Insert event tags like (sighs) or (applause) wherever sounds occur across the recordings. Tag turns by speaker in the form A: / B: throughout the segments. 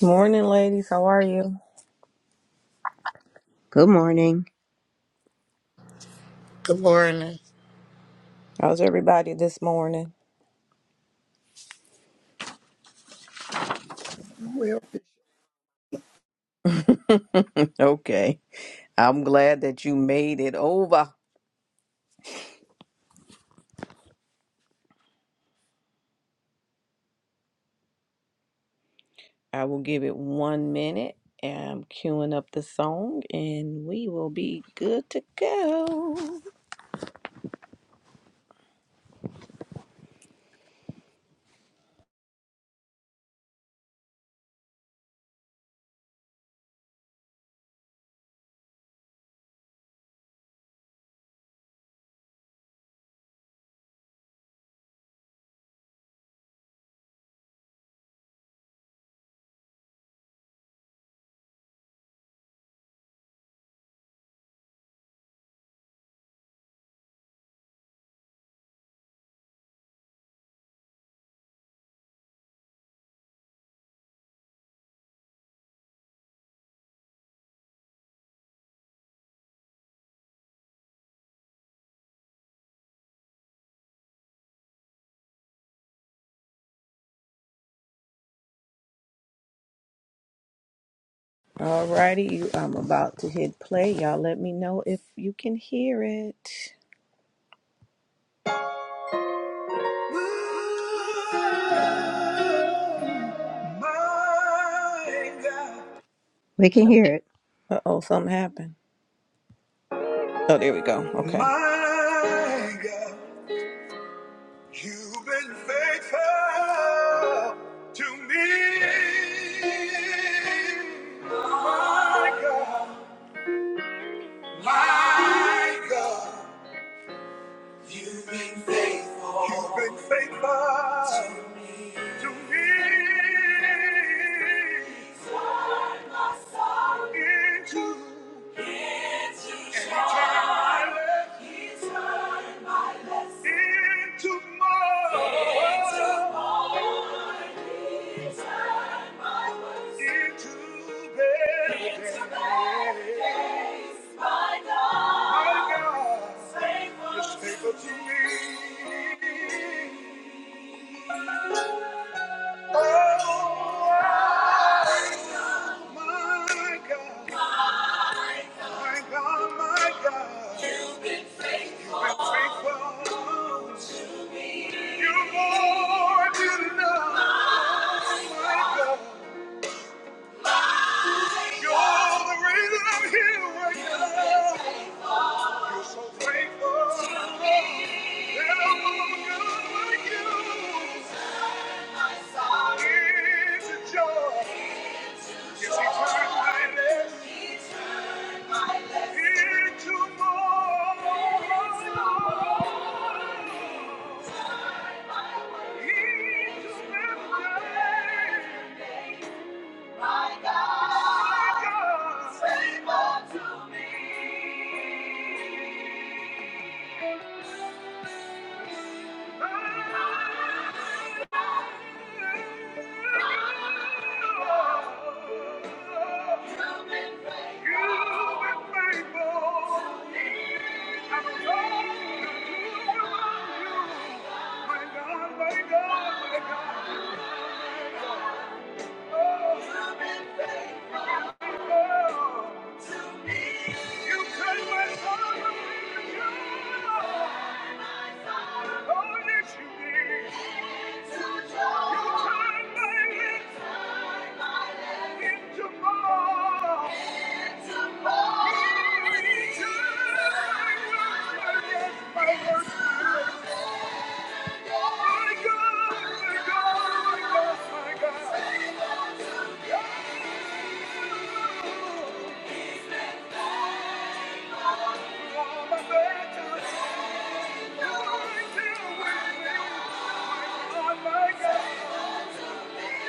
A: Morning, ladies. How are you?
B: Good morning.
C: Good morning.
A: How's everybody this morning?
D: Well,
A: Okay. I'm glad that you made it over. I will give it one minute. and I'm queuing up the song and we will be good to go. Alrighty, you I'm about to hit play. Y'all let me know if you can hear it.
B: We can hear it.
A: Uh oh, something happened. Oh, there we go. Okay. My God. You've been faithful to me, my God, my God. You've been faithful, you've been faithful to me. I've fallen into darkness, into silence, into morning, into bed. My God, is faithful to me. Oh, my God, my God, my God, is faithful. You're more than enough. My God, you're the reason I'm here right now. You're so faithful. There's no one good like you. It's a joy. Yes, he turns my left into more. Into midday. My God. Thank you. You cut my heart with you. Oh, yes, you did. You turned my lips into balm. You turned my worst, my worst, my worst. My God, my God, my God, my God. Thank you.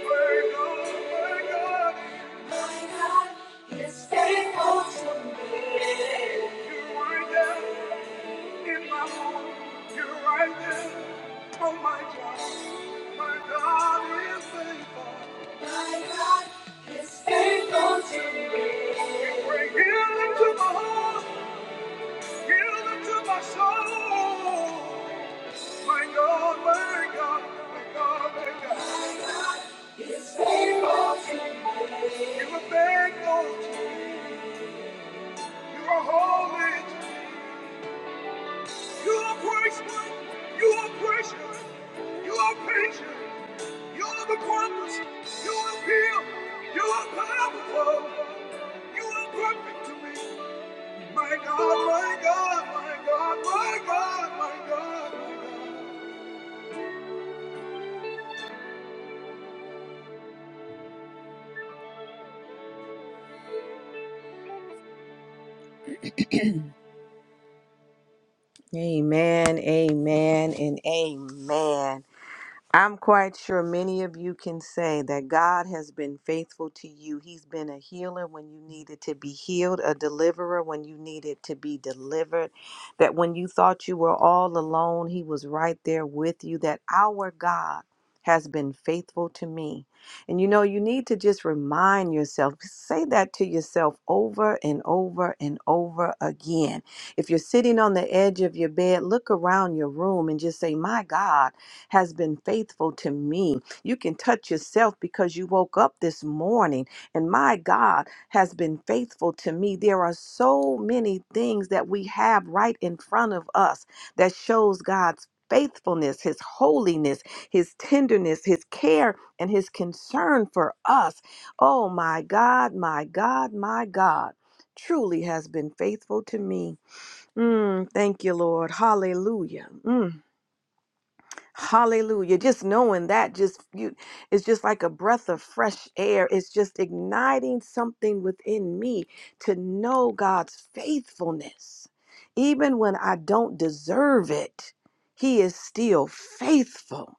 A: Oh My God, Heal them to my heart, heal them to my soul. My God, my God, my God, my God. My God Is faithful to me. You are faithful. to me. You are holy. You are gracious. You are gracious. You are patient. You are the promise. You are real. You are powerful. You are perfect to me. My God, my God, my God, my God, my God. my God. Amen, amen, and amen. I'm quite sure many of you can say that God has been faithful to you. He's been a healer when you needed to be healed, a deliverer when you needed to be delivered. That when you thought you were all alone, He was right there with you. That our God has been faithful to me. And you know, you need to just remind yourself, say that to yourself over and over and over again. If you're sitting on the edge of your bed, look around your room and just say, My God has been faithful to me. You can touch yourself because you woke up this morning and my God has been faithful to me. There are so many things that we have right in front of us that shows God's faithfulness, his holiness, his tenderness, his care and his concern for us. Oh my God, my God, my God. Truly has been faithful to me. Mm, thank you, Lord. Hallelujah. Mm. Hallelujah. Just knowing that just you it's just like a breath of fresh air. It's just igniting something within me to know God's faithfulness. Even when I don't deserve it, he is still faithful.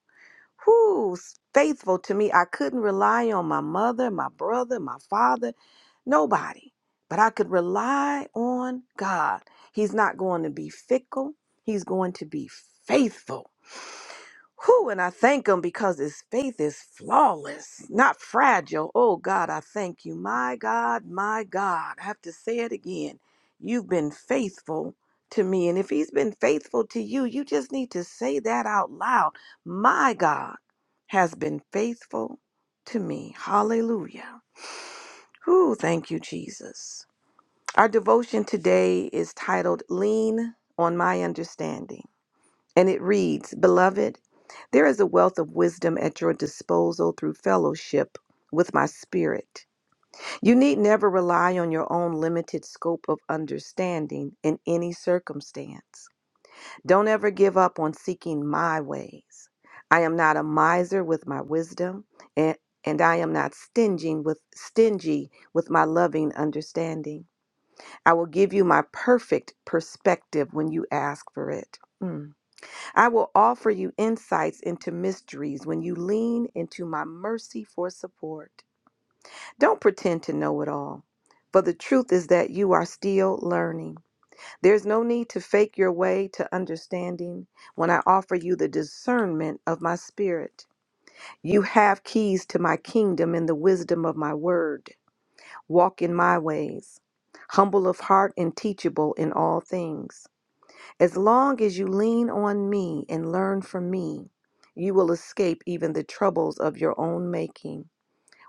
A: Who's faithful to me? I couldn't rely on my mother, my brother, my father, nobody. But I could rely on God. He's not going to be fickle. He's going to be faithful. Whew, and I thank him because his faith is flawless, not fragile. Oh God, I thank you. My God, my God. I have to say it again. You've been faithful to me. And if he's been faithful to you, you just need to say that out loud. My God has been faithful to me. Hallelujah. Whew, thank you, Jesus. Our devotion today is titled Lean on My Understanding. And it reads Beloved, there is a wealth of wisdom at your disposal through fellowship with my spirit. You need never rely on your own limited scope of understanding in any circumstance. Don't ever give up on seeking my ways. I am not a miser with my wisdom, and, and I am not stingy with stingy with my loving understanding. I will give you my perfect perspective when you ask for it. Mm. I will offer you insights into mysteries when you lean into my mercy for support. Don't pretend to know it all, for the truth is that you are still learning. There's no need to fake your way to understanding when I offer you the discernment of my spirit. You have keys to my kingdom in the wisdom of my word. Walk in my ways, humble of heart and teachable in all things. As long as you lean on me and learn from me, you will escape even the troubles of your own making.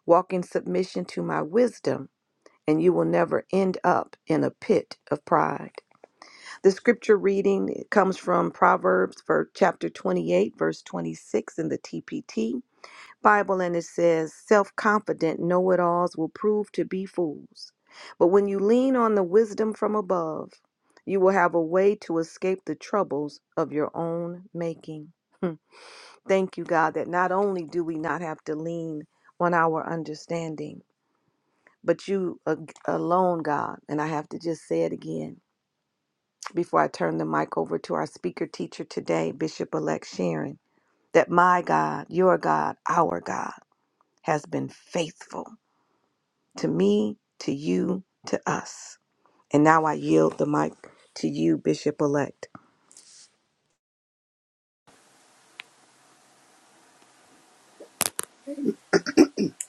A: Walk in submission to my wisdom, and you will never end up in a pit of pride. The scripture reading comes from Proverbs for chapter 28, verse 26 in the TPT. Bible and it says, self confident know it alls will prove to be fools. But when you lean on the wisdom from above, you will have a way to escape the troubles of your own making. Hmm. Thank you, God, that not only do we not have to lean on our understanding, but you ag- alone, God. And I have to just say it again before I turn the mic over to our speaker teacher today, Bishop elect Sharon, that my God, your God, our God, has been faithful to me, to you, to us. And now I yield the mic to you, Bishop elect.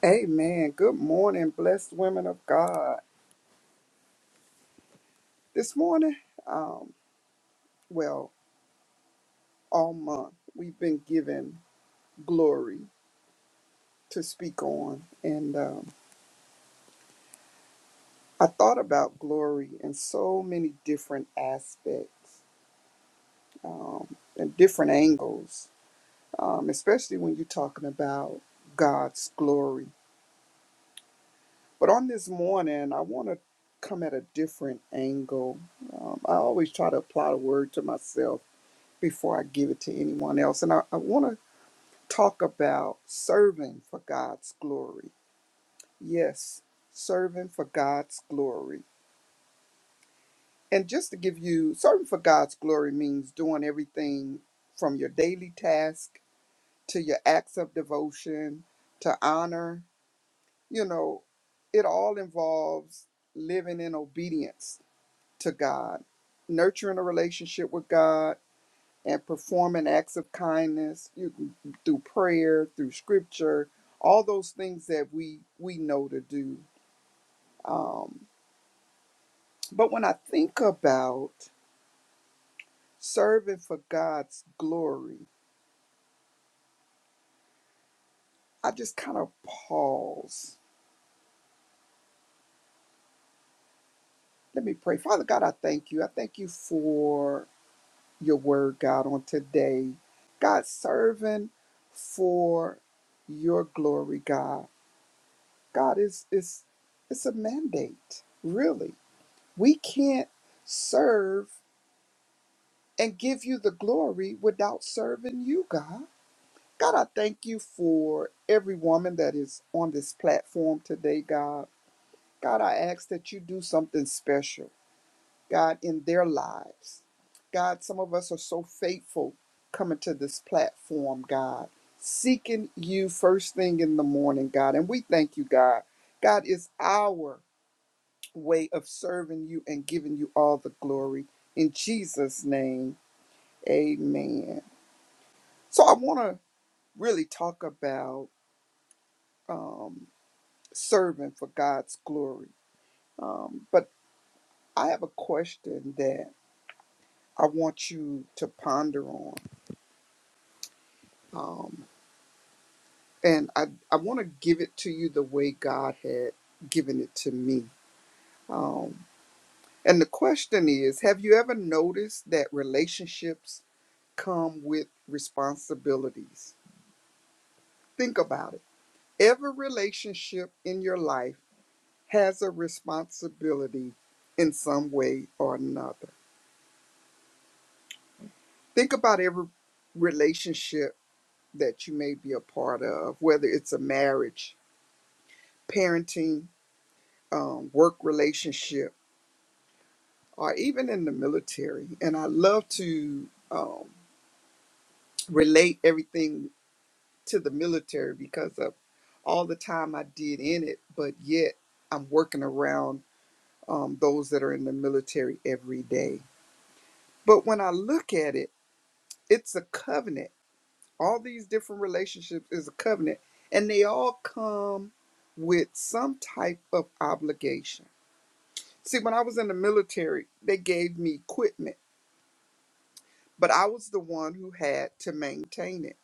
D: amen. Good morning, blessed women of God. This morning, um, well, all month, we've been given glory to speak on. And um, I thought about glory in so many different aspects um, and different angles, um, especially when you're talking about God's glory. But on this morning, I want to come at a different angle. Um, I always try to apply the word to myself before I give it to anyone else. And I, I want to talk about serving for God's glory. Yes, serving for God's glory. And just to give you, serving for God's glory means doing everything from your daily task to your acts of devotion to honor. You know, it all involves living in obedience to God, nurturing a relationship with God and performing acts of kindness you can, through prayer through scripture all those things that we we know to do um, but when i think about serving for god's glory i just kind of pause let me pray father god i thank you i thank you for your word god on today god serving for your glory god god is is it's it's a mandate really We can't serve and give you the glory without serving you, God. God, I thank you for every woman that is on this platform today, God. God, I ask that you do something special, God, in their lives. God, some of us are so faithful coming to this platform, God, seeking you first thing in the morning, God. And we thank you, God. God is our way of serving you and giving you all the glory. In Jesus' name, amen. So I want to really talk about um, serving for God's glory. Um, but I have a question that I want you to ponder on. Um, and I, I want to give it to you the way God had given it to me. Um, and the question is Have you ever noticed that relationships come with responsibilities? Think about it. Every relationship in your life has a responsibility in some way or another. Think about every relationship that you may be a part of, whether it's a marriage, parenting, um, work relationship, or even in the military. And I love to um, relate everything to the military because of all the time I did in it, but yet I'm working around um, those that are in the military every day. But when I look at it, it's a covenant. All these different relationships is a covenant, and they all come with some type of obligation. See, when I was in the military, they gave me equipment, but I was the one who had to maintain it.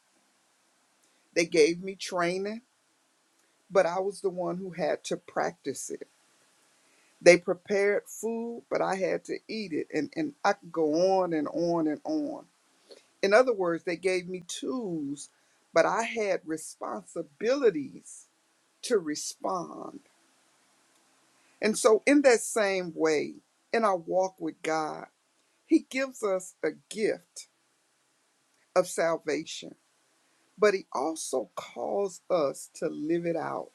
D: They gave me training, but I was the one who had to practice it. They prepared food, but I had to eat it. And, and I could go on and on and on In other words, they gave me tools, but I had responsibilities to respond. And so, in that same way, in our walk with God, He gives us a gift of salvation, but He also calls us to live it out.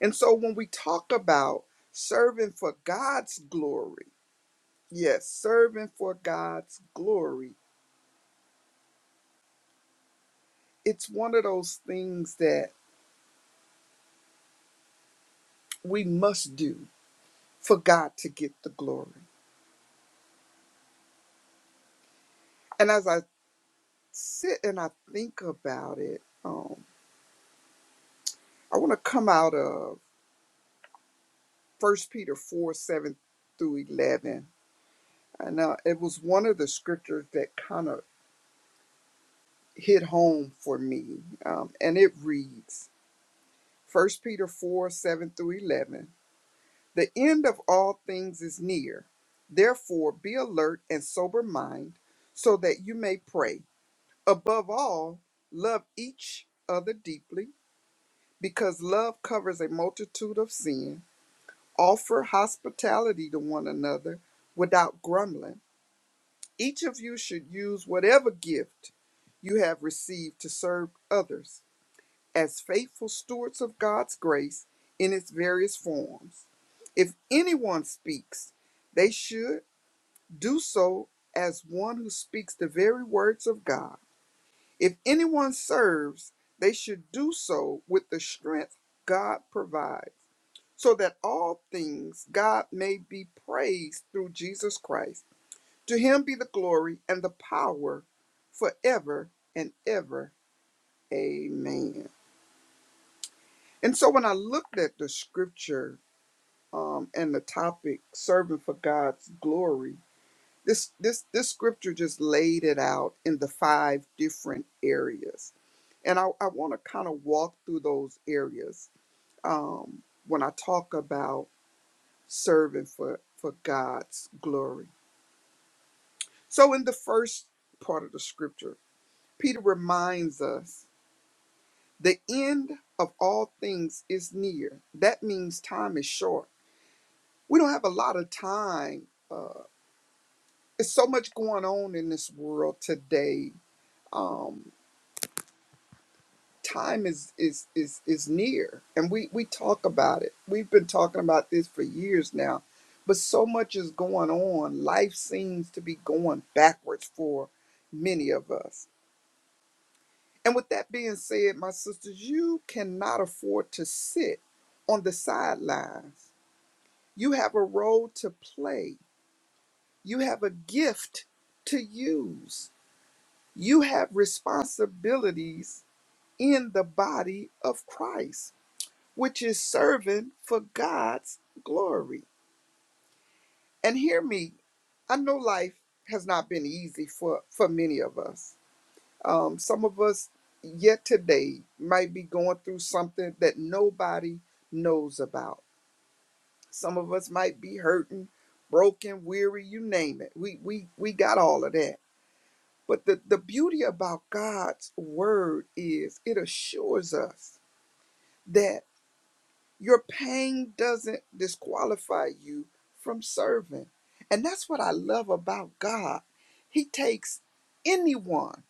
D: And so, when we talk about serving for God's glory, yes, serving for God's glory, it's one of those things that we must do for God to get the glory. And as I sit and I think about it, um, I want to come out of First Peter four seven through eleven, and uh, it was one of the scriptures that kind of hit home for me, um, and it reads First Peter four seven through eleven. The end of all things is near. Therefore, be alert and sober mind, so that you may pray. Above all, love each other deeply Because love covers a multitude of sin, offer hospitality to one another without grumbling. Each of you should use whatever gift you have received to serve others as faithful stewards of God's grace in its various forms. If anyone speaks, they should do so as one who speaks the very words of God. If anyone serves, they should do so with the strength God provides so that all things God may be praised through Jesus Christ. To him be the glory and the power forever and ever. Amen. And so when I looked at the scripture um, and the topic serving for God's glory, this this this scripture just laid it out in the five different areas. And I, I want to kind of walk through those areas um, when I talk about serving for, for God's glory. So, in the first part of the scripture, Peter reminds us the end of all things is near. That means time is short. We don't have a lot of time. Uh, it's so much going on in this world today. Um, time is is is is near and we we talk about it we've been talking about this for years now but so much is going on life seems to be going backwards for many of us and with that being said my sisters you cannot afford to sit on the sidelines you have a role to play you have a gift to use you have responsibilities in the body of christ which is serving for God's glory. And hear me, I know life has not been easy for, for many of us. Um, some of us yet today might be going through something that nobody knows about. Some of us might be hurting, broken, weary, you name it. We we we got all of that. But the, the beauty about God's word is it assures us that. Your pain doesn't disqualify you from serving. And that's what I love about God. He takes anyone,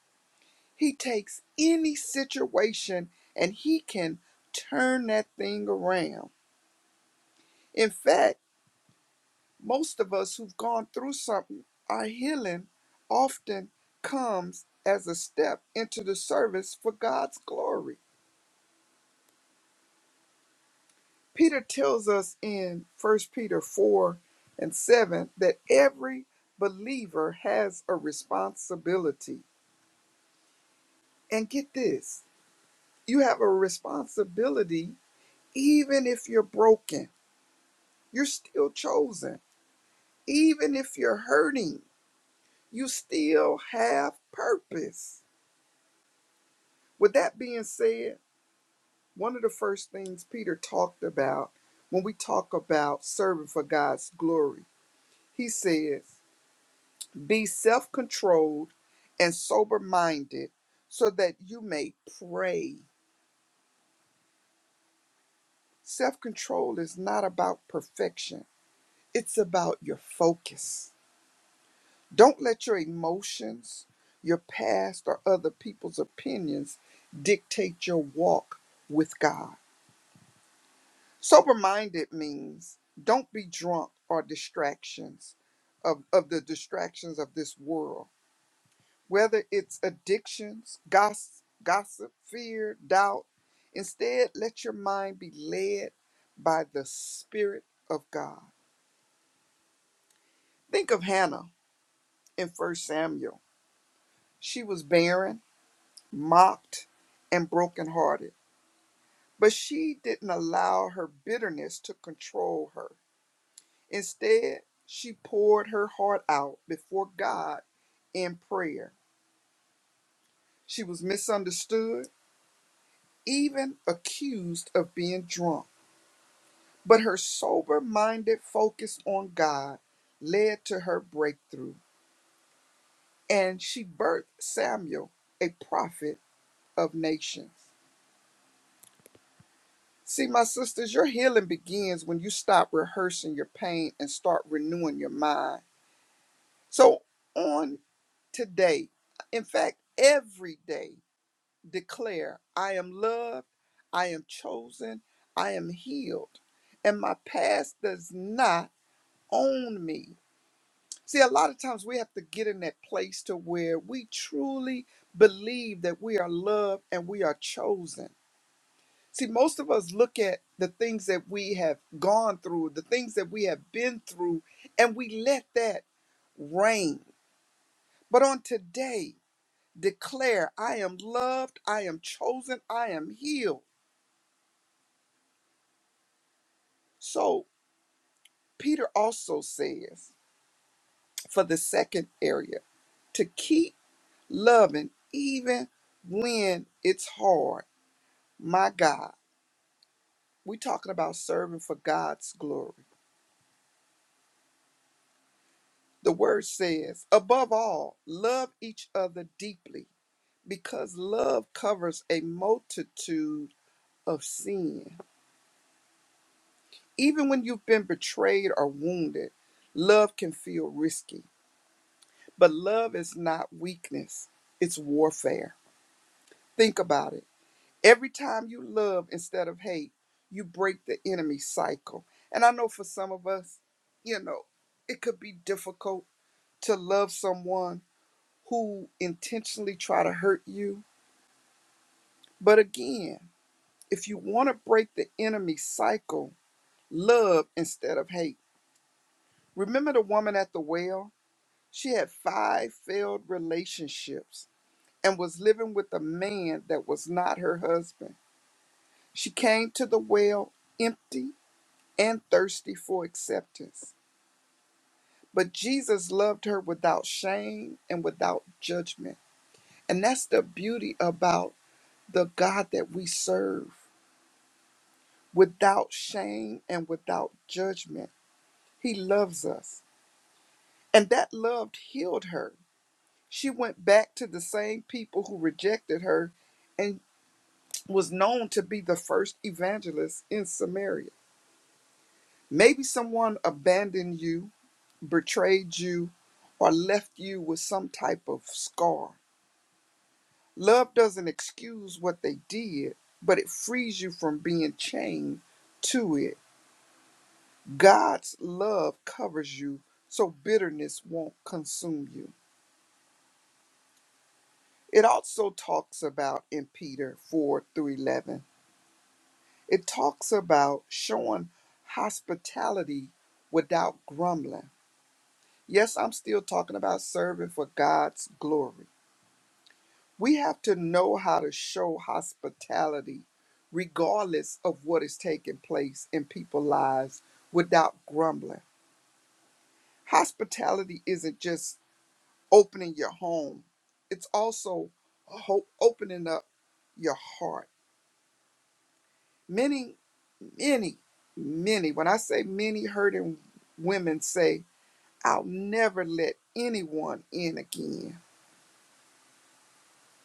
D: He takes any situation, and He can turn that thing around. In fact, most of us who've gone through something, our healing often comes as a step into the service for God's glory. Peter tells us in First Peter 4 and 7 that every believer has a responsibility. And get this you have a responsibility even if you're broken, you're still chosen. Even if you're hurting, you still have purpose. With that being said, one of the first things Peter talked about when we talk about serving for God's glory, he says, Be self controlled and sober minded so that you may pray. Self control is not about perfection, it's about your focus. Don't let your emotions, your past, or other people's opinions dictate your walk with God. Sober minded means don't be drunk or distractions of, of the distractions of this world whether it's addictions, gossip, gossip, fear, doubt. Instead, let your mind be led by the Spirit of God. Think of Hannah in First Samuel. She was barren, mocked, and brokenhearted, but she didn't allow her bitterness to control her. Instead, she poured her heart out before God in prayer. She was misunderstood, even accused of being drunk But her sober minded focus on God led to her breakthrough, and she birthed Samuel, a prophet of nations. See, my sisters, your healing begins when you stop rehearsing your pain and start renewing your mind. So, on today, in fact, every day, declare I am loved, I am chosen, I am healed, and my past does not own me. See, a lot of times we have to get in that place to where we truly believe that we are loved and we are chosen. See, most of us look at the things that we have gone through, the things that we have been through, and we let that reign. But on today, declare, I am loved, I am chosen, I am healed. So, Peter also says for the second area to keep loving even when it's hard My God, we're talking about serving for God's glory. The word says, above all, love each other deeply because love covers a multitude of sin. Even when you've been betrayed or wounded, love can feel risky. But love is not weakness, it's warfare. Think about it. Every time you love instead of hate, you break the enemy cycle. And I know for some of us, you know, it could be difficult to love someone who intentionally try to hurt you. But again, if you want to break the enemy cycle, love instead of hate. Remember the woman at the well? She had five failed relationships and was living with a man that was not her husband. She came to the well empty and thirsty for acceptance. But Jesus loved her without shame and without judgment. And that's the beauty about the God that we serve without shame and without judgment. He loves us. And that love healed her. She went back to the same people who rejected her and was known to be the first evangelist in Samaria. Maybe someone abandoned you, betrayed you, or left you with some type of scar. Love doesn't excuse what they did, but it frees you from being chained to it. God's love covers you so bitterness won't consume you. It also talks about in Peter 4 through 11, it talks about showing hospitality without grumbling. Yes, I'm still talking about serving for God's glory. We have to know how to show hospitality regardless of what is taking place in people's lives without grumbling. Hospitality isn't just opening your home. It's also ho- opening up your heart. Many, many, many, when I say many hurting women say, I'll never let anyone in again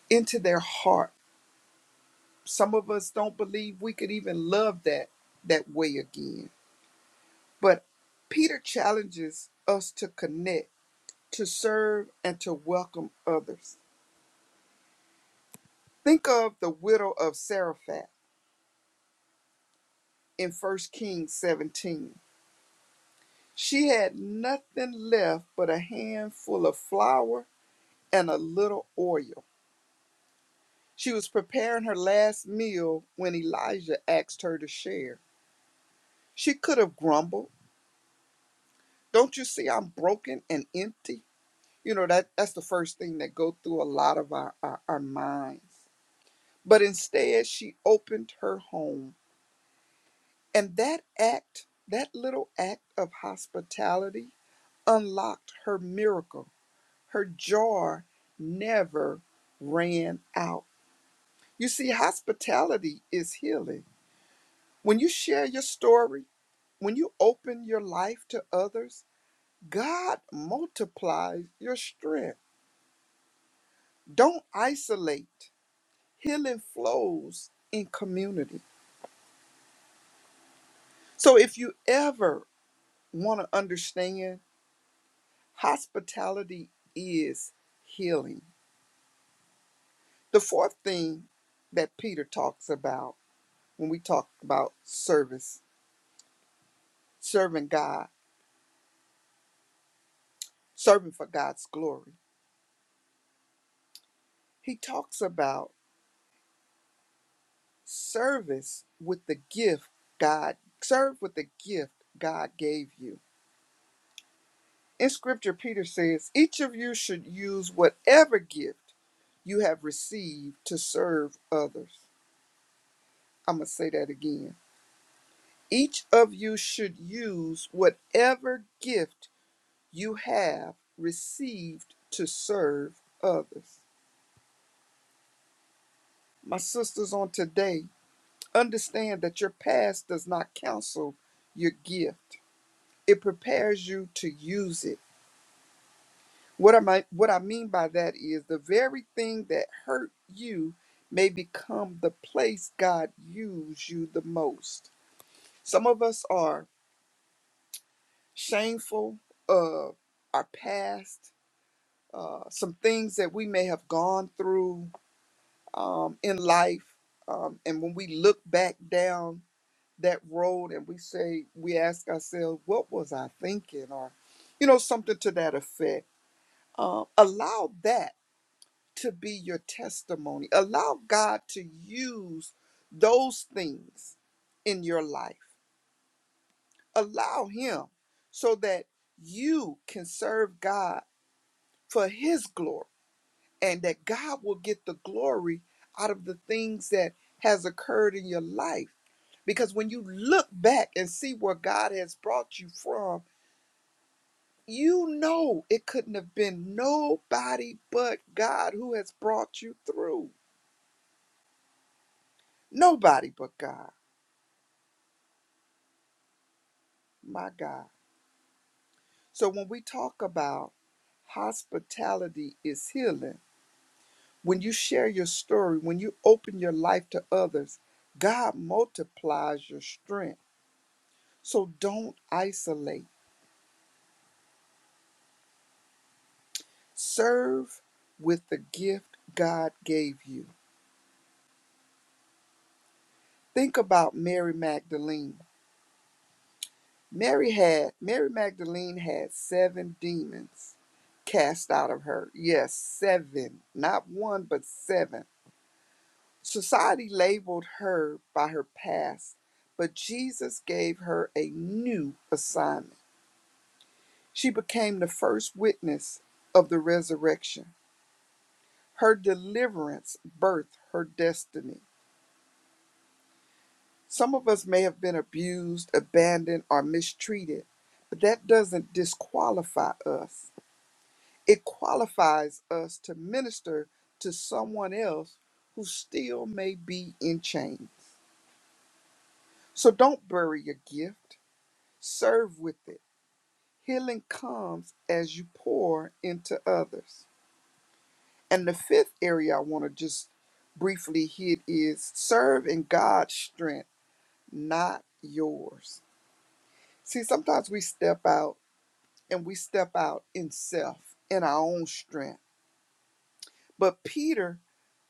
D: into their heart. Some of us don't believe we could even love that that way again. But Peter challenges us to connect, to serve, and to welcome others. Think of the widow of Zarephath in First Kings 17 She had nothing left but a handful of flour and a little oil. She was preparing her last meal when Elijah asked her to share. She could have grumbled, "Don't you see I'm broken and empty?" You know that that's the first thing that go through a lot of our, our, our minds. But instead, she opened her home, and that act, that little act of hospitality, unlocked her miracle Her jar never ran out. You see, hospitality is healing. When you share your story, when you open your life to others, God multiplies your strength. Don't isolate. Healing flows in community. So if you ever want to understand, hospitality is healing. The fourth thing that Peter talks about when we talk about service serving God, serving for God's glory. He talks about service with the gift God, serve with the gift God gave you. In scripture, Peter says, each of you should use whatever gift you have received to serve others. I'm going to say that again. Each of you should use whatever gift you have received to serve others. My sisters, on today, Understand that your past does not counsel your gift. It prepares you to use it. What am I what I mean by that is the very thing that hurt you may become the place God used you the most. Some of us are shameful of our past, uh, some things that we may have gone through um, in life. Um, and when we look back down that road and we say we ask ourselves what was i thinking or you know something to that effect uh, allow that to be your testimony allow god to use those things in your life allow him so that you can serve god for his glory and that god will get the glory out of the things that has occurred in your life because when you look back and see where god has brought you from you know it couldn't have been nobody but God who has brought you through. Nobody but God, my God. So when we talk about hospitality is healing, when you share your story, when you open your life to others, God multiplies your strength. So don't isolate. Serve with the gift God gave you. Think about Mary Magdalene. Mary had Mary Magdalene had seven demons cast out of her. Yes, seven. Not one, but seven. Society labeled her by her past, but Jesus gave her a new assignment. She became the first witness of the resurrection. Her deliverance birthed her destiny. Some of us may have been abused, abandoned, or mistreated, but that doesn't disqualify us. It qualifies us to minister to someone else who still may be in chains. So don't bury your gift, serve with it. Healing comes as you pour into others. And the fifth area I want to just briefly hit is serve in God's strength, not yours. See, sometimes we step out and we step out in self, in our own strength. But Peter,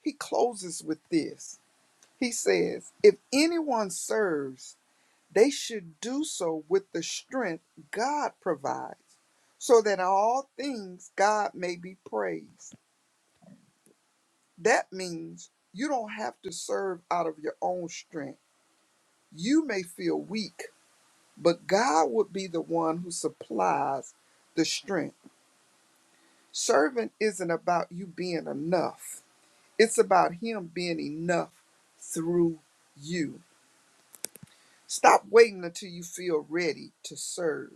D: he closes with this. He says, If anyone serves, they should do so with the strength God provides, so that in all things God may be praised. That means you don't have to serve out of your own strength. You may feel weak, but God would be the one who supplies the strength. Serving isn't about you being enough, it's about Him being enough through you. Stop waiting until you feel ready to serve.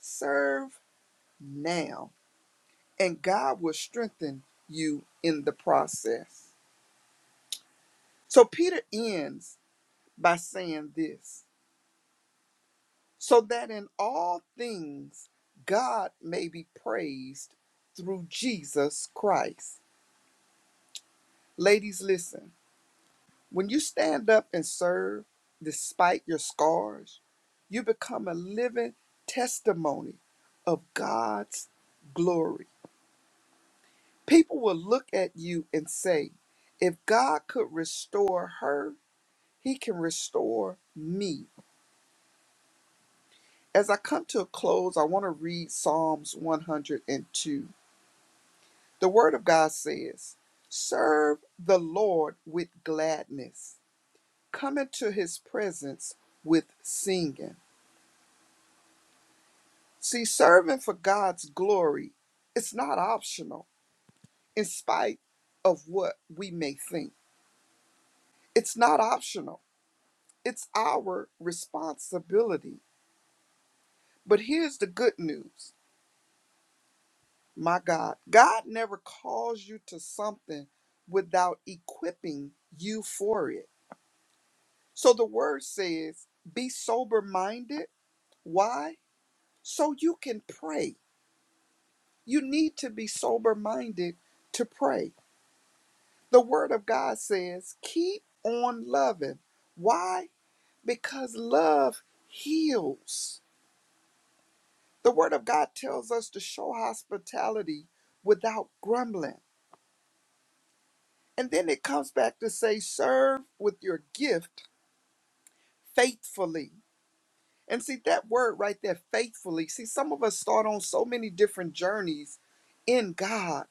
D: Serve now, and God will strengthen you in the process. So Peter ends by saying this so that in all things God may be praised through Jesus Christ. Ladies, listen. When you stand up and serve despite your scars, you become a living testimony of God's glory. People will look at you and say, if God could restore her, he can restore me. As I come to a close, I want to read Psalms 102. The Word of God says, Serve the Lord with gladness, come into his presence with singing. See, serving for God's glory it's not optional in spite of what we may think. It's not optional It's our responsibility. But here's the good news my God, God never calls you to something without equipping you for it. So the word says, be sober minded. Why? So you can pray. You need to be sober minded to pray. The word of God says, keep on loving. Why? Because love heals. The Word of God tells us to show hospitality without grumbling. And then it comes back to say, serve with your gift faithfully. And see that word right there, faithfully. See, some of us start on so many different journeys in God,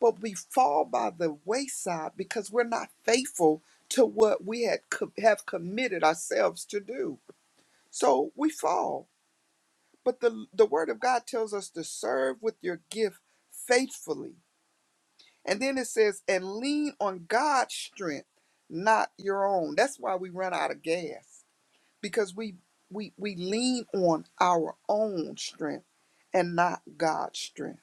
D: but we fall by the wayside because we're not faithful to what we had co- have committed ourselves to do. So we fall. But the, the word of God tells us to serve with your gift faithfully And then it says, and lean on God's strength, not your own. That's why we run out of gas because we we we lean on our own strength and not God's strength.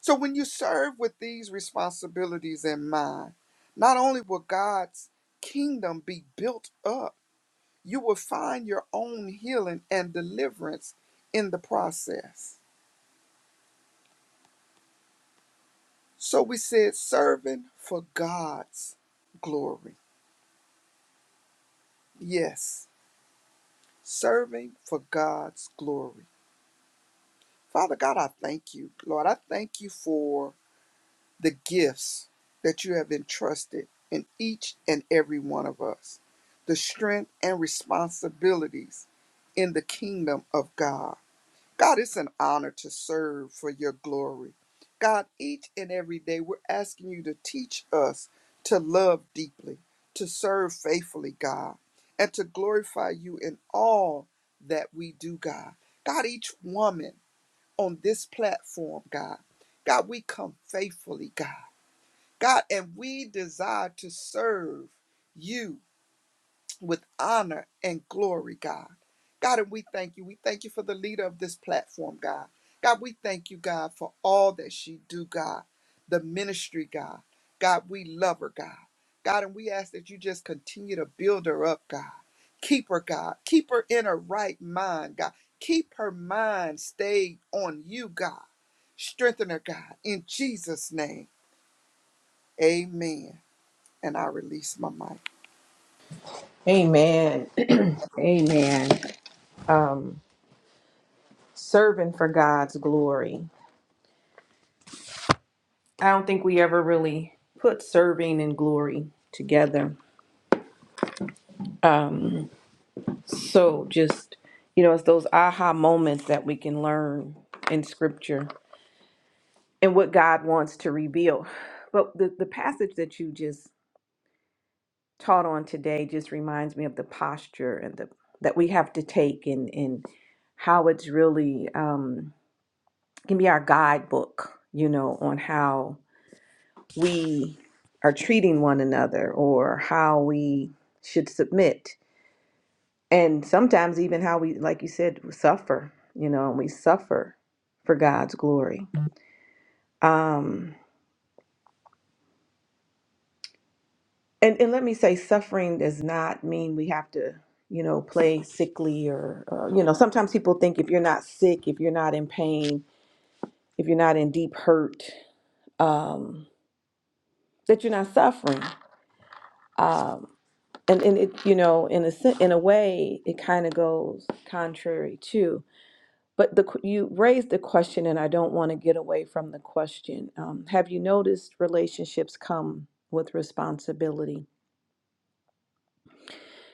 D: So when you serve with these responsibilities in mind, not only will God's kingdom be built up, you will find your own healing and deliverance in the process. So we said serving for God's glory. Yes. serving for God's glory. Father God, I thank you. Lord, I thank you for the gifts that you have entrusted in each and every one of us, the strength and responsibilities in the kingdom of God. God, it's an honor to serve for your glory. God, each and every day we're asking you to teach us to love deeply, to serve faithfully, God, and to glorify you in all that we do, God. God, each woman on this platform, God, God, we come faithfully, God. God, and we desire to serve you with honor and glory, God. God, and we thank you. We thank you for the leader of this platform, God. God, we thank you, God, for all that she do, God. The ministry, God. God, we love her, God. God, and we ask that you just continue to build her up, God. Keep her, God. Keep her in her right mind, God. Keep her mind stayed on you, God. Strengthen her, God. In Jesus' name, amen. And I release my mic.
A: Amen. (clears throat) Amen. Um, serving for God's glory. I don't think we ever really put serving and glory together. Um, so just, you know, it's those aha moments that we can learn in scripture and what God wants to reveal. But the, the passage that you just taught on today just reminds me of the posture and the that we have to take and and how it's really um, can be our guidebook, you know, on how we are treating one another or how we should submit, and sometimes even how we, like you said, suffer, you know, and we suffer for God's glory. Um, and and let me say suffering does not mean we have to you know play sickly or uh, you know sometimes people think if you're not sick if you're not in pain if you're not in deep hurt um that you're not suffering um and and it you know in a sen- in a way it kind of goes contrary to but the qu- you raised the question and I don't want to get away from the question um have you noticed relationships come with responsibility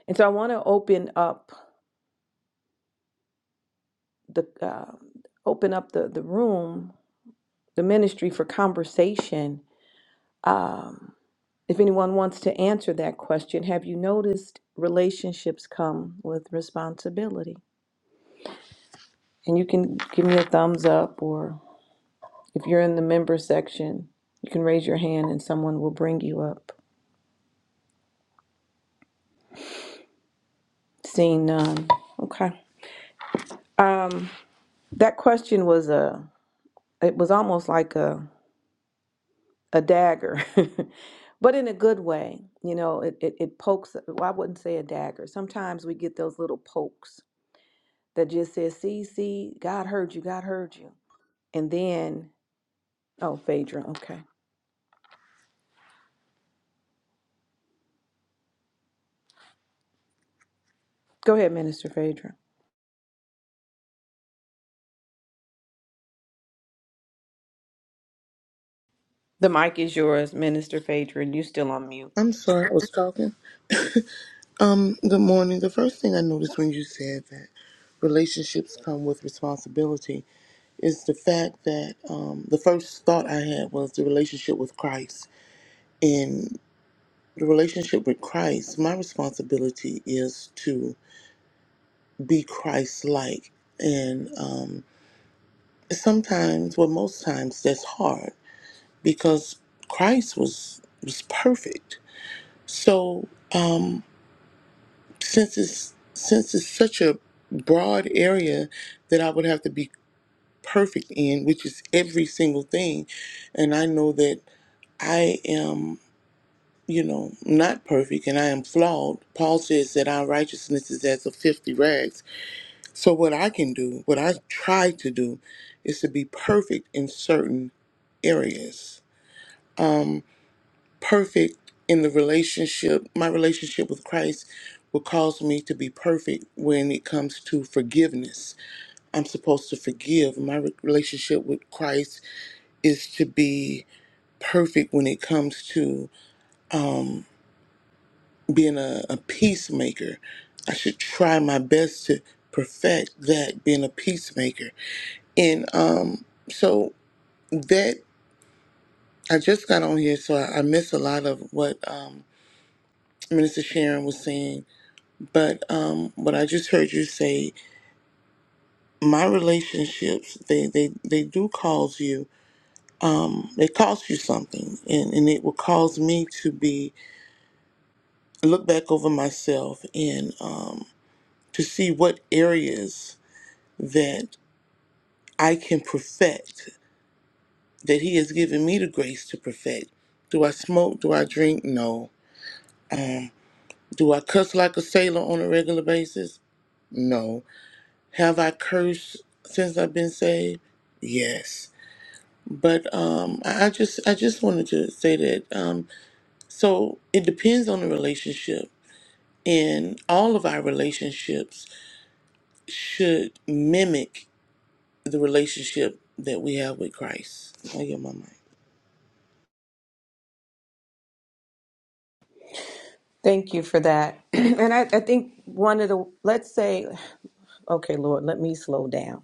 A: and so I want to open up the uh, open up the the room, the ministry for conversation. Um, if anyone wants to answer that question, have you noticed relationships come with responsibility? And you can give me a thumbs up, or if you're in the member section, you can raise your hand and someone will bring you up. Seeing none. Okay. Um, that question was a. It was almost like a a dagger, (laughs) but in a good way. You know, it, it, it pokes, well, I wouldn't say a dagger. Sometimes we get those little pokes that just says, see, see, God heard you, God heard you. And then, oh, Phaedra, okay. Go ahead, Minister Phaedra. The mic is yours, Minister Phaedra, and you still on mute.
E: I'm sorry, I was talking. Um, good morning. The first thing I noticed when you said that relationships come with responsibility is the fact that um, the first thought I had was the relationship with Christ. In the relationship with Christ, my responsibility is to be Christ like. And um, sometimes, well, most times, that's hard because Christ was, was perfect. So, um, since it's since it's such a broad area that I would have to be perfect in, which is every single thing, and I know that I am, you know, not perfect and I am flawed. Paul says that our righteousness is as of filthy rags. So what I can do, what I try to do, is to be perfect in certain areas. Perfect in the relationship, my relationship with Christ will cause me to be perfect when it comes to forgiveness I'm supposed to forgive. My re- relationship with Christ is to be perfect when it comes to um, being a, a peacemaker. I should try my best to perfect that being a peacemaker. And um, so that I just got on here, so I, I missed a lot of what um, Minister Sharon was saying. But um, what I just heard you say, my relationships, they they they do cause you um, they cost you something and, and it will cause me to be look back over myself and um, to see what areas that i can perfect that he has given me the grace to perfect do i smoke do i drink no um, do i cuss like a sailor on a regular basis no have i cursed since i've been saved yes but um, I I just I just wanted to say that um, so it depends on the relationship and all of our relationships should mimic the relationship that we have with Christ. I yield my mic.
A: Thank you for that. (clears throat) and I, I think one of the, let's say, (sighs) okay, Lord, let me slow down.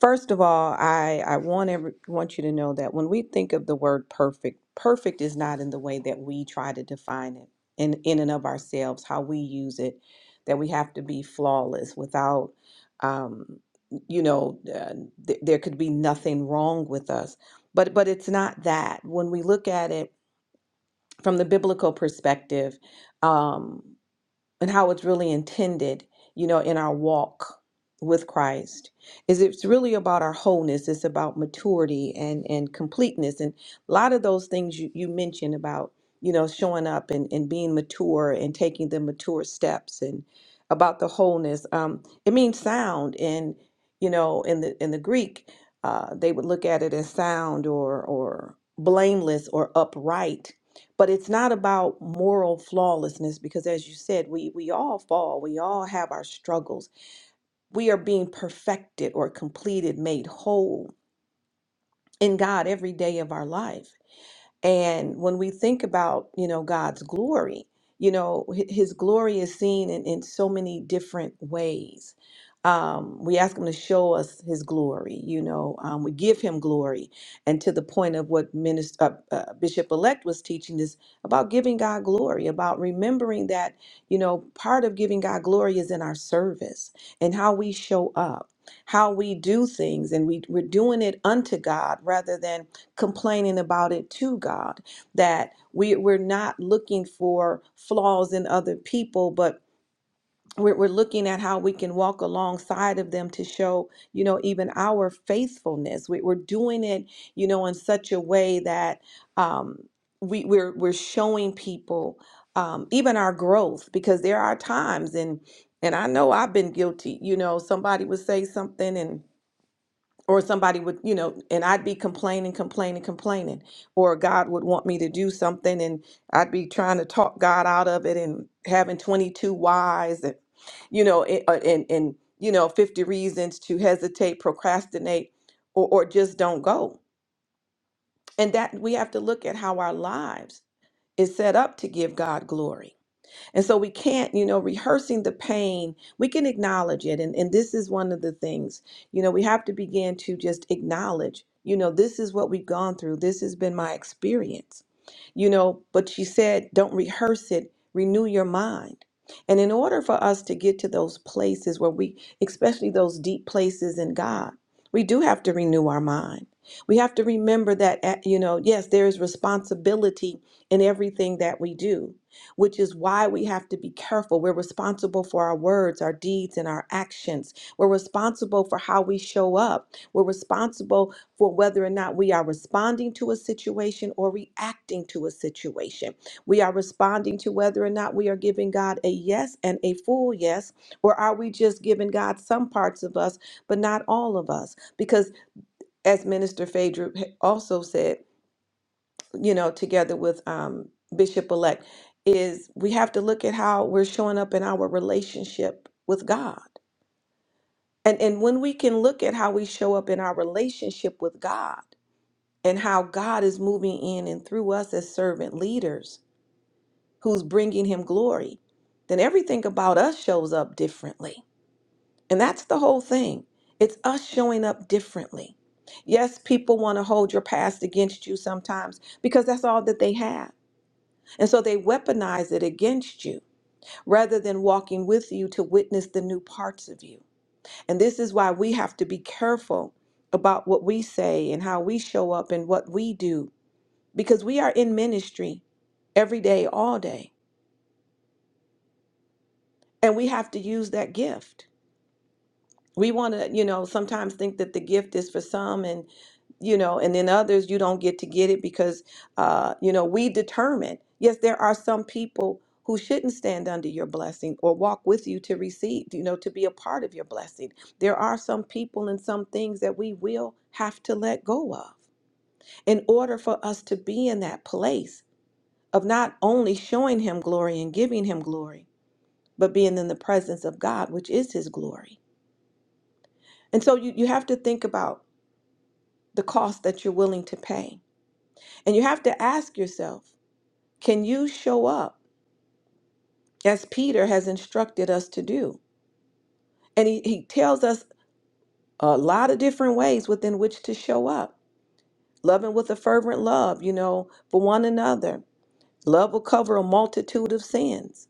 A: First of all, I, I want every, want you to know that when we think of the word perfect, perfect is not in the way that we try to define it in, in and of ourselves, how we use it, that we have to be flawless without, um, you know, uh, th- there could be nothing wrong with us. But, but it's not that. When we look at it from the biblical perspective, um and how it's really intended, you know, in our walk with Christ is it's really about our wholeness. It's about maturity and and completeness and a lot of those things you, you mentioned about, you know, showing up and, and being mature and taking the mature steps and about the wholeness. Um, it means sound and you know, in the in the Greek, uh, they would look at it as sound or or blameless or upright but it's not about moral flawlessness because as you said we we all fall we all have our struggles we are being perfected or completed made whole in god every day of our life and when we think about, you know, God's glory, you know, hi- his glory is seen in, in so many different ways. Um, we ask him to show us his glory, you know, um, we give him glory. And to the point of what Minister, uh, uh, Bishop elect was teaching is about giving God glory, about remembering that, you know, part of giving God glory is in our service and how we show up. How we do things, and we, we're doing it unto God rather than complaining about it to God that we we're not looking for flaws in other people but we're, we're looking at how we can walk alongside of them to show you know even our faithfulness we, we're doing it you know in such a way that um, we, we're we're showing people um, even our growth because there are times and and I know I've been guilty you know somebody would say something and or somebody would you know and i'd be complaining complaining complaining or god would want me to do something and i'd be trying to talk god out of it and having 22 whys and you know and and, and you know 50 reasons to hesitate procrastinate or, or just don't go and that we have to look at how our lives is set up to give god glory and so we can't, you know, rehearsing the pain, we can acknowledge it. And, and this is one of the things, you know, we have to begin to just acknowledge, you know, this is what we've gone through. This has been my experience, you know, but she said, don't rehearse it, renew your mind. And in order for us to get to those places where we, especially those deep places in God, we do have to renew our mind. We have to remember that, eh, you know, yes, there is responsibility in everything that we do which is why we have to be careful. We're responsible for our words, our deeds, and our actions. We're responsible for how we show up. We're responsible for whether or not we are responding to a situation or reacting to a situation. We are responding to whether or not we are giving God a yes and a full yes, or are we just giving God some parts of us, but not all of us? Because as Minister Phaedra also said, you know, together with um, Bishop elect, is we have to look at how we're showing up in our relationship with God. And, and when we can look at how we show up in our relationship with God and how God is moving in and through us as servant leaders who's bringing him glory, then everything about us shows up differently. And that's the whole thing. It's us showing up differently. Yes, people want to hold your past against you sometimes because that's all that they have And so they weaponize it against you rather than walking with you to witness the new parts of you. And this is why we have to be careful about what we say and how we show up and what we do because we are in ministry every day, all day, and we have to use that gift. we want to you know sometimes think that the gift is for some and you know and then others you don't get to get it because uh you know we determine yes there are some people who shouldn't stand under your blessing or walk with you to receive you know to be a part of your blessing there are some people and some things that we will have to let go of in order for us to be in that place of not only showing him glory and giving him glory but being in the presence of God which is his glory and so you you have to think about the cost that you're willing to pay. And you have to ask yourself can you show up as Peter has instructed us to do? And he, he tells us a lot of different ways within which to show up. Loving with a fervent love, you know, for one another. Love will cover a multitude of sins.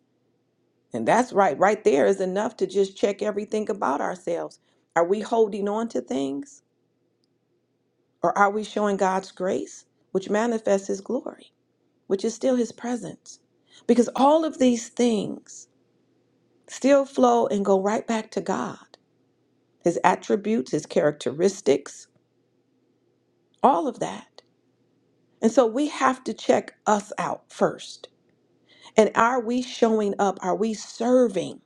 A: And that's right, right there is enough to just check everything about ourselves. Are we holding on to things or are we showing God's grace, which manifests his glory? which is still his presence. Because all of these things still flow and go right back to God his attributes, his characteristics, all of that. And so we have to check us out first. And are we showing up? Are we serving?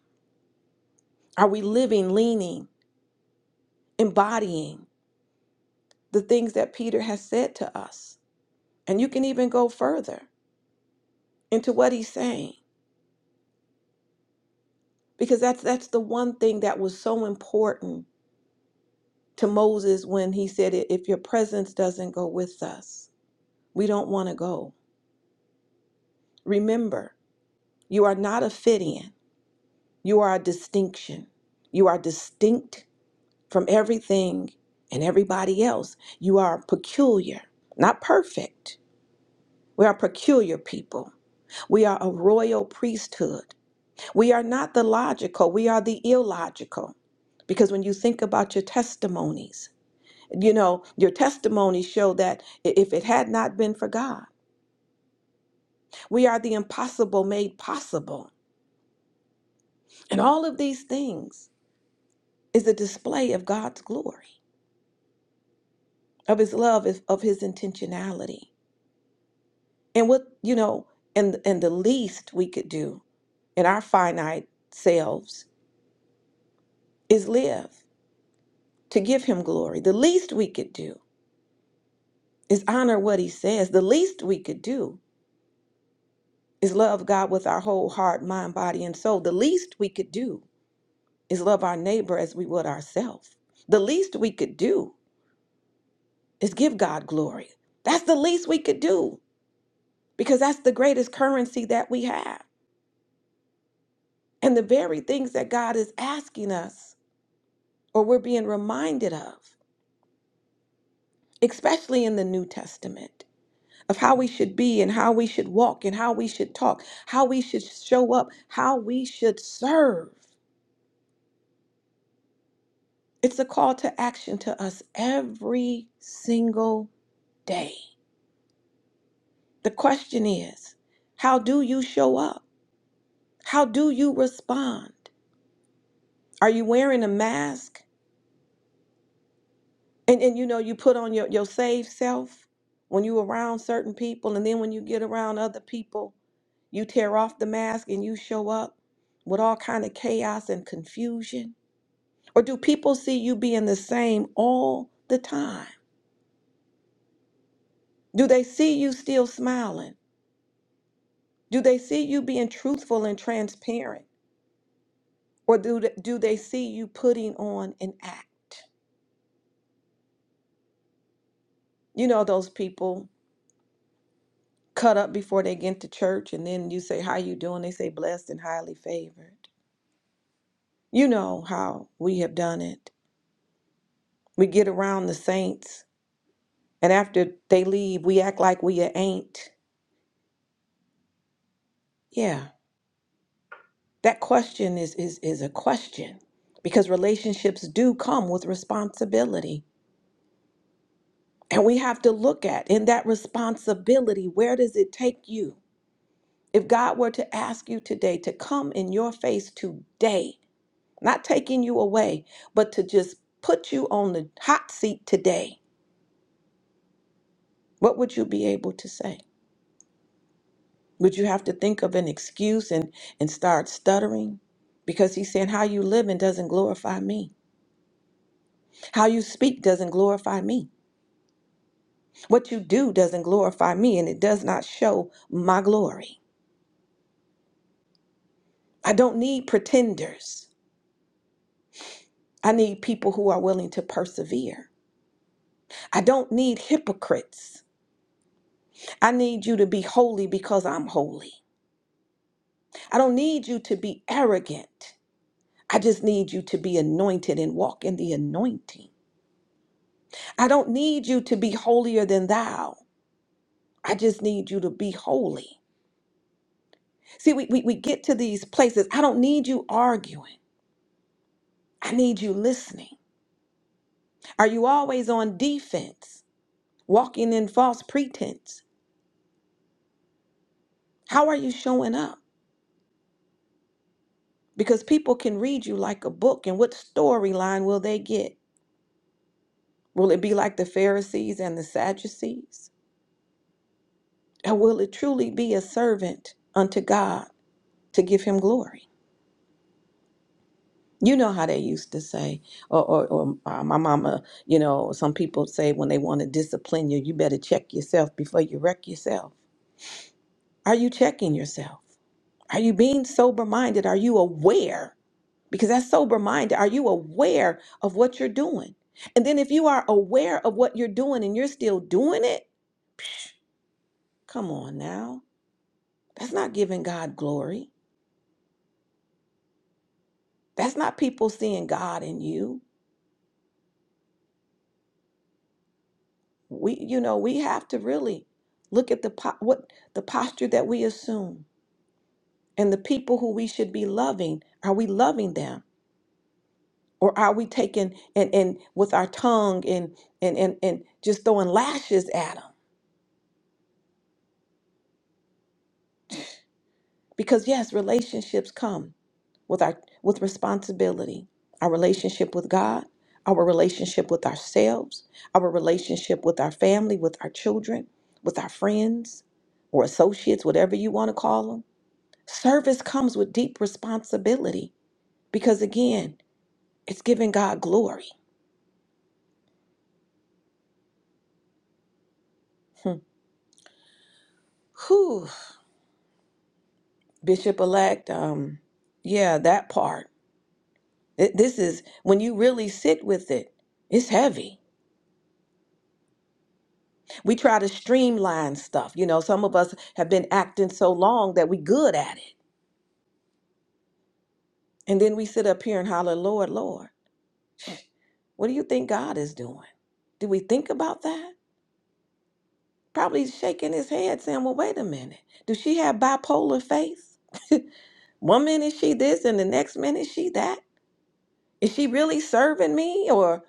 A: Are we living, leaning, embodying the things that Peter has said to us? And you can even go further into what he's saying because that's that's the one thing that was so important to Moses when he said, If your presence doesn't go with us, we don't want to go. Remember, you are not a fit in, you are a distinction. You are distinct from everything and everybody else. You are peculiar, not perfect. We are peculiar people. We are a royal priesthood. We are not the logical, we are the illogical. Because when you think about your testimonies, You know, your testimony showed that i- if it had not been for God, we are the impossible made possible. And all of these things is a display of God's glory, of his love, of of his intentionality. And what, you know, and and the least we could do in our finite selves is live to give him glory. The least we could do is honor what he says. The least we could do is love God with our whole heart, mind, body, and soul. The least we could do is love our neighbor as we would ourselves. The least we could do is give God glory. That's the least we could do because that's the greatest currency that we have. And the very things that God is asking us or we're being reminded of, especially in the New Testament, of how we should be and how we should walk and how we should talk, how we should show up, how we should serve. It's a call to action to us every single day. The question is, how do you show up? How do you respond? Are you wearing a mask? And and you know, you put on your, your saved self when you around certain people, and then when you get around other people, you tear off the mask and you show up with all kind of chaos and confusion? Or do people see you being the same all the time? Do they see you still smiling? Do they see you being truthful and transparent? Or do they, do they see you putting on an act? You know those people cut up before they get to church and then you say how you doing? They say blessed and highly favored. You know how we have done it. We get around the saints and after they leave we act like we a ain't. Yeah. That question is is is a question because relationships do come with responsibility. And we have to look at in that responsibility, where does it take you? If God were to ask you today to come in your face today, not taking you away, but to just put you on the hot seat today, what would you be able to say? Would you have to think of an excuse and, and start stuttering? Because he's saying, How you live and doesn't glorify me. How you speak doesn't glorify me. What you do doesn't glorify me, and it does not show my glory. I don't need pretenders. I need people who are willing to persevere. I don't need hypocrites. I need you to be holy because I'm holy. I don't need you to be arrogant. I just need you to be anointed and walk in the anointing. I don't need you to be holier than thou. I just need you to be holy. See, we, we, we get to these places. I don't need you arguing. I need you listening. Are you always on defense, walking in false pretense? How are you showing up? Because people can read you like a book, and what storyline will they get? Will it be like the Pharisees and the Sadducees? Or will it truly be a servant unto God to give him glory? You know how they used to say, or, or, or uh, my mama, you know, some people say when they want to discipline you, you better check yourself before you wreck yourself. Are you checking yourself? Are you being sober minded? Are you aware? Because that's sober minded. Are you aware of what you're doing? And then if you are aware of what you're doing and you're still doing it, come on now. That's not giving God glory. That's not people seeing God in you. We, you know, we have to really look at the po- what the posture that we assume and the people who we should be loving. Are we loving them, or are we taking and and with our tongue and and and and just throwing lashes at them? Because yes, relationships come with our with responsibility, our relationship with God, our relationship with ourselves, our relationship with our family, with our children, with our friends or associates, whatever you want to call them. Service comes with deep responsibility because again, it's giving God glory. Hmm. Whew. Bishop elect, um, yeah, that part. Th- This is when you really sit with it, it's heavy We try to streamline stuff. You know, some of us have been acting so long that we good at it. And then we sit up here and holler, Lord, Lord, what do you think God is doing? Do we think about that? Probably shaking his head saying, well, wait a minute. Does she have bipolar faith? One minute she this and the next minute she that. Is she really serving me or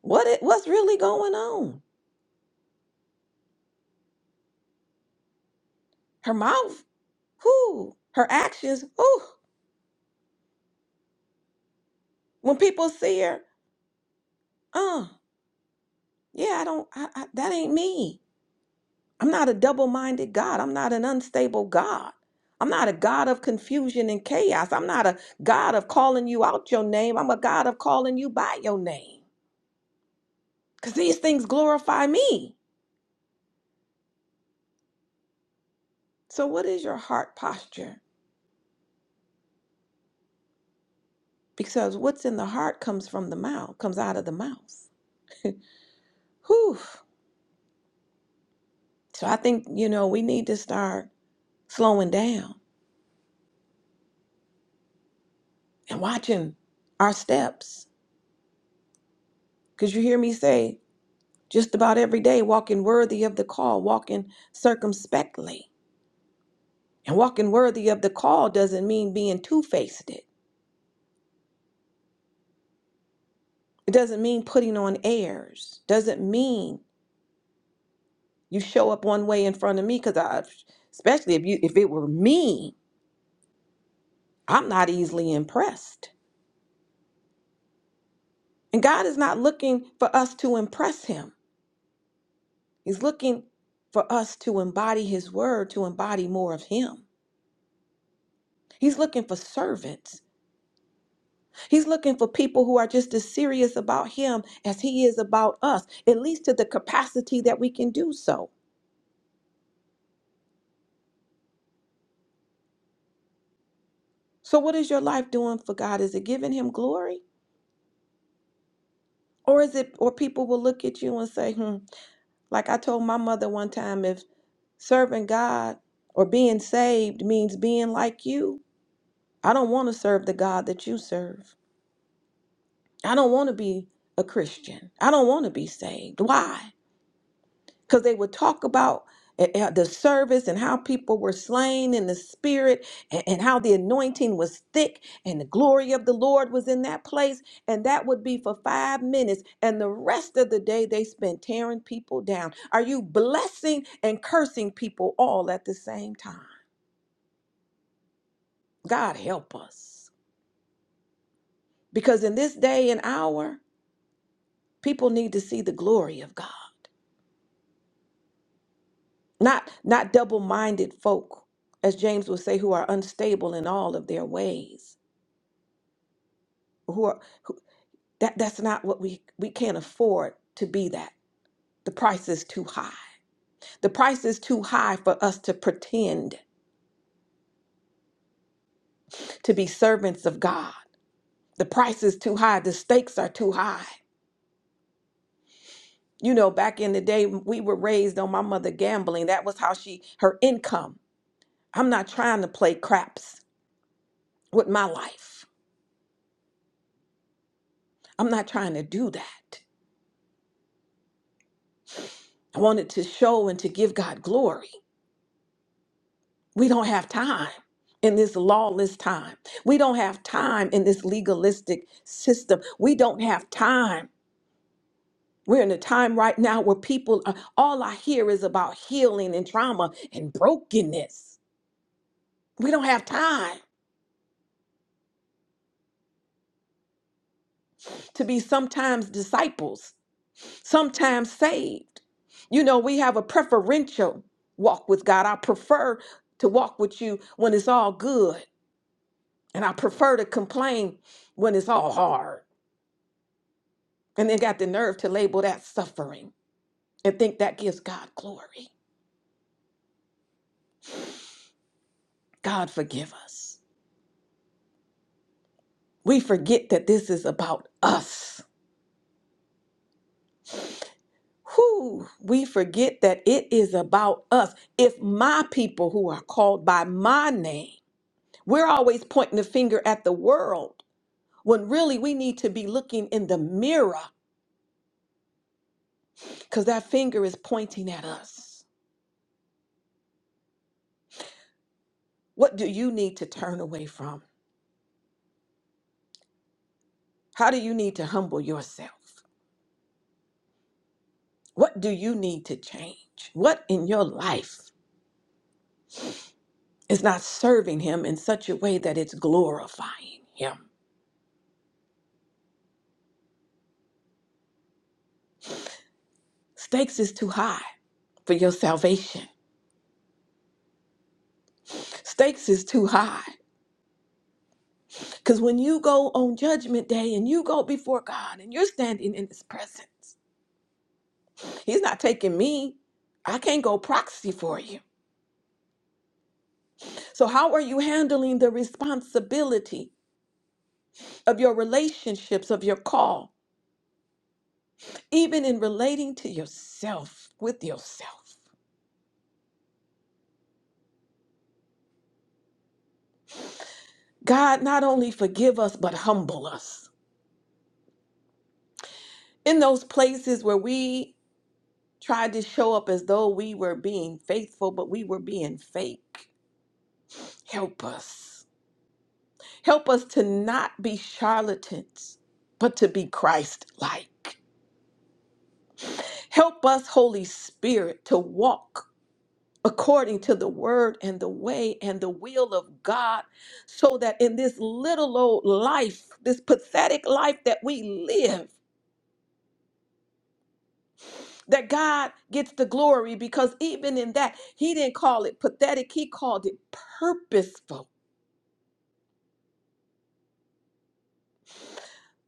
A: what? It, what's really going on? Her mouth, whoo, her actions, whoo. When people see her, uh, yeah, I don't, I, I, that ain't me. I'm not a double minded God. I'm not an unstable God. I'm not a God of confusion and chaos. I'm not a God of calling you out your name. I'm a God of calling you by your name because these things glorify me. So, what is your heart posture? Because what's in the heart comes from the mouth, comes out of the mouth. (laughs) Whew. So, I think, you know, we need to start slowing down and watching our steps. Because you hear me say, just about every day, walking worthy of the call, walking circumspectly. And walking worthy of the call doesn't mean being two faced. It It doesn't mean putting on airs. Doesn't mean you show up one way in front of me because I, especially if you, if it were me, I'm not easily impressed. And God is not looking for us to impress Him. He's looking for us to embody His word, to embody more of Him. He's looking for servants He's looking for people who are just as serious about him as he is about us, at least to the capacity that we can do so. So what is your life doing for God? Is it giving him glory? Or is it or people will look at you and say, "Hmm, like I told my mother one time if serving God or being saved means being like you, I don't want to serve the God that you serve. I don't want to be a Christian. I don't want to be saved. Why? because they would talk about uh, uh, the service and how people were slain in the spirit and, and how the anointing was thick and the glory of the Lord was in that place. And that would be for five minutes. And the rest of the day they spent tearing people down. Are you blessing and cursing people all at the same time? God help us. Because in this day and hour, people need to see the glory of God. Not not double-minded folk, as James would say, who are unstable in all of their ways. Who are who, that that's not what we we can't afford to be that. The price is too high. The price is too high for us to pretend to be servants of God. The price is too high. The stakes are too high. You know, back in the day, we were raised on my mother gambling. That was how she, her income. I'm not trying to play craps with my life. I'm not trying to do that. I wanted to show and to give God glory. We don't have time in this lawless time. We don't have time in this legalistic system. We don't have time. We're in a time right now where people, are, all I hear is about healing and trauma and brokenness. We don't have time to be sometimes disciples, sometimes saved. You know, we have a preferential walk with God. I prefer to walk with you when it's all good. And I prefer to complain when it's all hard and then got the nerve to label that suffering and think that gives God glory. God forgive us. We forget that this is about us. Whew, we forget that it is about us. If my people who are called by my name, we're always pointing the finger at the world when really we need to be looking in the mirror because that finger is pointing at us. What do you need to turn away from? How do you need to humble yourself? What do you need to change? What in your life is not serving Him in such a way that it's glorifying Him? Stakes is too high for your salvation. Stakes is too high. Because when you go on judgment day and you go before God and you're standing in His presence, He's not taking me. I can't go proxy for you. So, how are you handling the responsibility of your relationships, of your call? even in relating to yourself with yourself. God not only forgive us but humble us. In those places where we tried to show up as though we were being faithful but we were being fake. Help us. Help us to not be charlatans but to be Christ like. Help us, Holy Spirit, to walk according to the word and the way and the will of God, so that in this little old life, this pathetic life that we live, that God gets the glory because even in that, He didn't call it pathetic, He called it purposeful.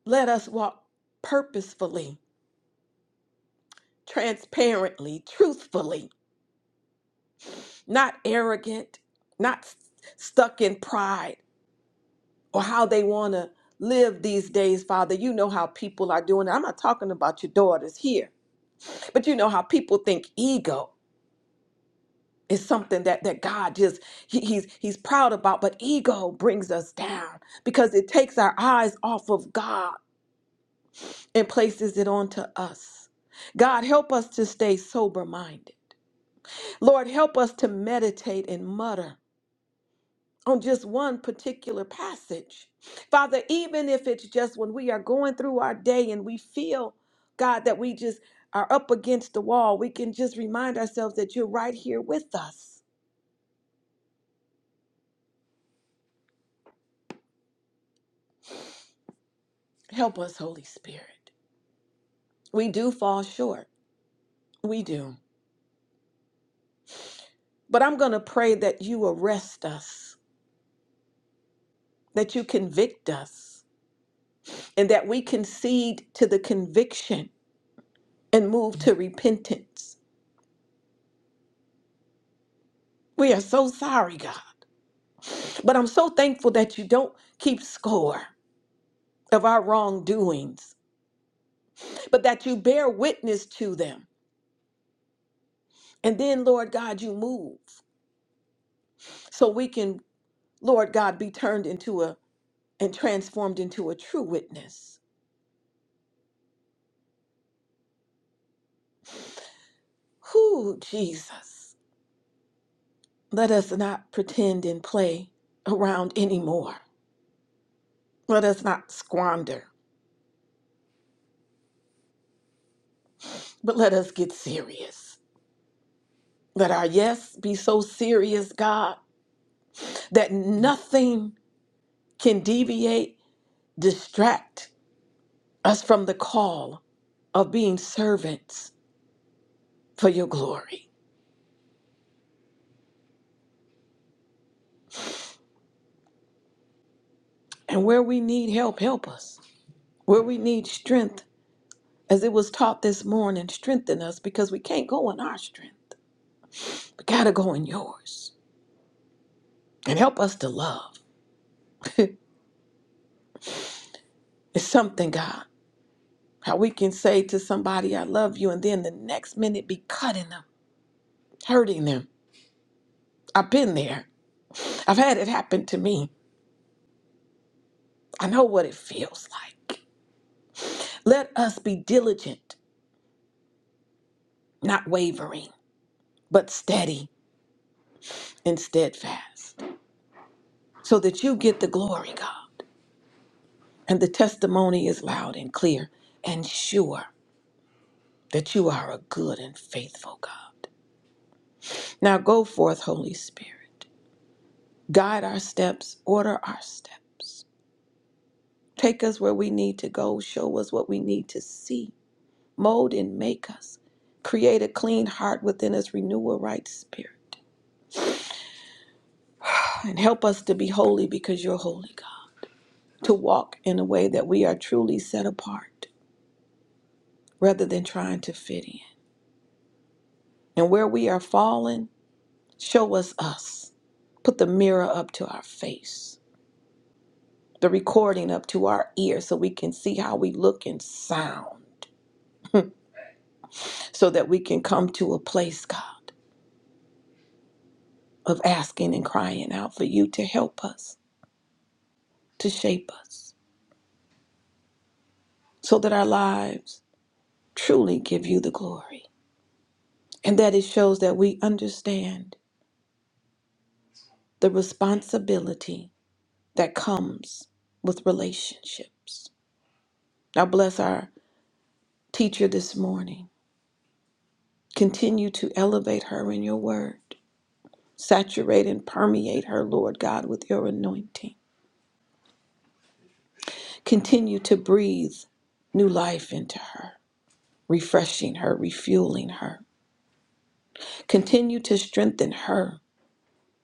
A: Let us walk purposefully, transparently, truthfully, not arrogant, not s- stuck in pride or how they want to live these days, Father. You know how people are doing. it. I'm not talking about your daughters here, but you know how people think ego is something that that God just he- he's he's proud about, but ego brings us down because it takes our eyes off of God and places it onto us. God, help us to stay sober minded. Lord, help us to meditate and mutter on just one particular passage. Father, even if it's just when we are going through our day and we feel, God, that we just are up against the wall, we can just remind ourselves that you're right here with us. Help us, Holy Spirit. We do fall short. We do. But I'm going to pray that you arrest us, that you convict us, and that we concede to the conviction and move to repentance. We are so sorry, God. But I'm so thankful that you don't keep score of our wrongdoings, but that you bear witness to them. And then, Lord God, you move so we can, Lord God, be turned into a and transformed into a true witness. Who, Jesus, let us not pretend and play around anymore. Let us not squander, but let us get serious. Let our yes be so serious, God, that nothing can deviate distract us from the call of being servants for your glory. And where we need help, help us. Where we need strength, as it was taught this morning, strengthen us because we can't go in our strength. We got to go in yours. And help us to love. (laughs) it's something, God, how we can say to somebody, I love you, and then the next minute be cutting them, hurting them. I've been there, I've had it happen to me. I know what it feels like. Let us be diligent not wavering, but steady and steadfast, so that you get the glory, God. And the testimony is loud and clear and sure that you are a good and faithful God. Now go forth, Holy Spirit. Guide our steps, order our steps. Take us where we need to go, show us what we need to see, mold and make us. Create a clean heart within us, renew a right spirit. And help us to be holy because you're holy, God. to walk in a way that we are truly set apart rather than trying to fit in. And where we are falling, show us us. Put the mirror up to our face, the recording up to our ear so we can see how we look and sound, so that we can come to a place, God, of asking and crying out for you to help us, to shape us, so that our lives truly give you the glory. And that it shows that we understand the responsibility that comes with relationships. Now, bless our teacher this morning. Continue to elevate her in your word. Saturate and permeate her, Lord God, with your anointing. Continue to breathe new life into her, refreshing her, refueling her. Continue to strengthen her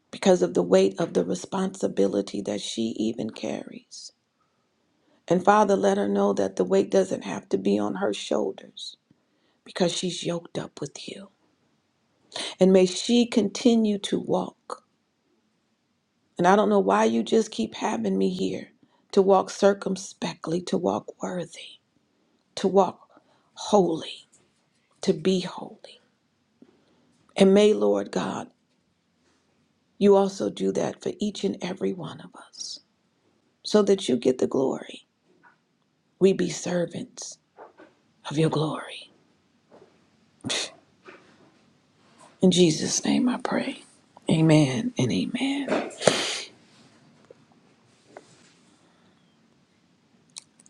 A: because of the weight of the responsibility that she even carries. And Father, let her know that the weight doesn't have to be on her shoulders because she's yoked up with you. And may she continue to walk. And I don't know why you just keep having me here to walk circumspectly, to walk worthy, to walk holy, to be holy. And may, Lord God, you also do that for each and every one of us so that you get the glory. We be servants of your glory. In Jesus' name I pray. Amen and amen.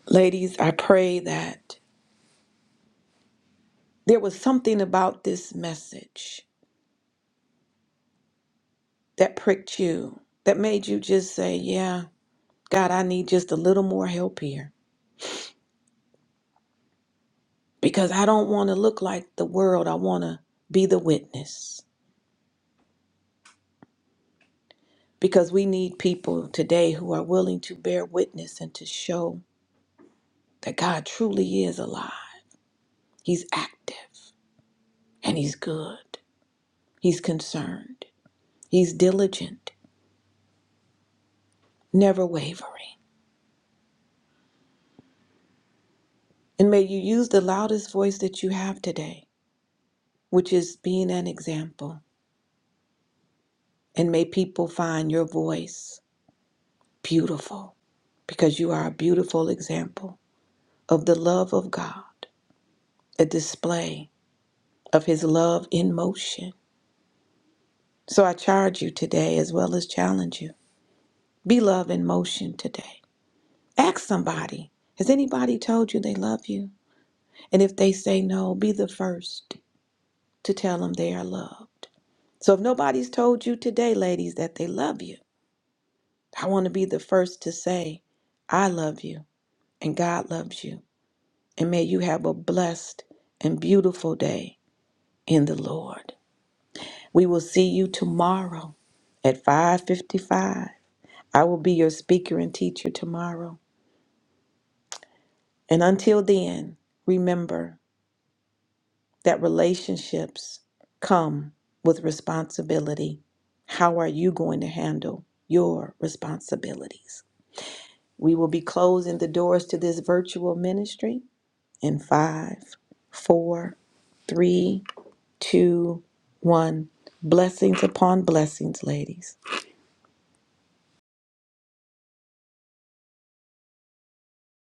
A: Ladies, I pray that there was something about this message that pricked you, that made you just say, Yeah, God, I need just a little more help here because I don't want to look like the world. I want to be the witness because we need people today who are willing to bear witness and to show that God truly is alive. He's active and He's good. He's concerned. He's diligent, never wavering. And may you use the loudest voice that you have today, which is being an example And may people find your voice beautiful because you are a beautiful example of the love of God, a display of His love in motion. So I charge you today as well as challenge you be love in motion today. Ask somebody, has anybody told you they love you? And if they say no, be the first to tell them they are loved. So if nobody's told you today, ladies, that they love you, I want to be the first to say, I love you and God loves you and may you have a blessed and beautiful day in the Lord. We will see you tomorrow at 5:55. I will be your speaker and teacher tomorrow. And until then, remember that relationships come with responsibility. How are you going to handle your responsibilities? We will be closing the doors to this virtual ministry in five, four, three two, one. Blessings upon blessings, ladies.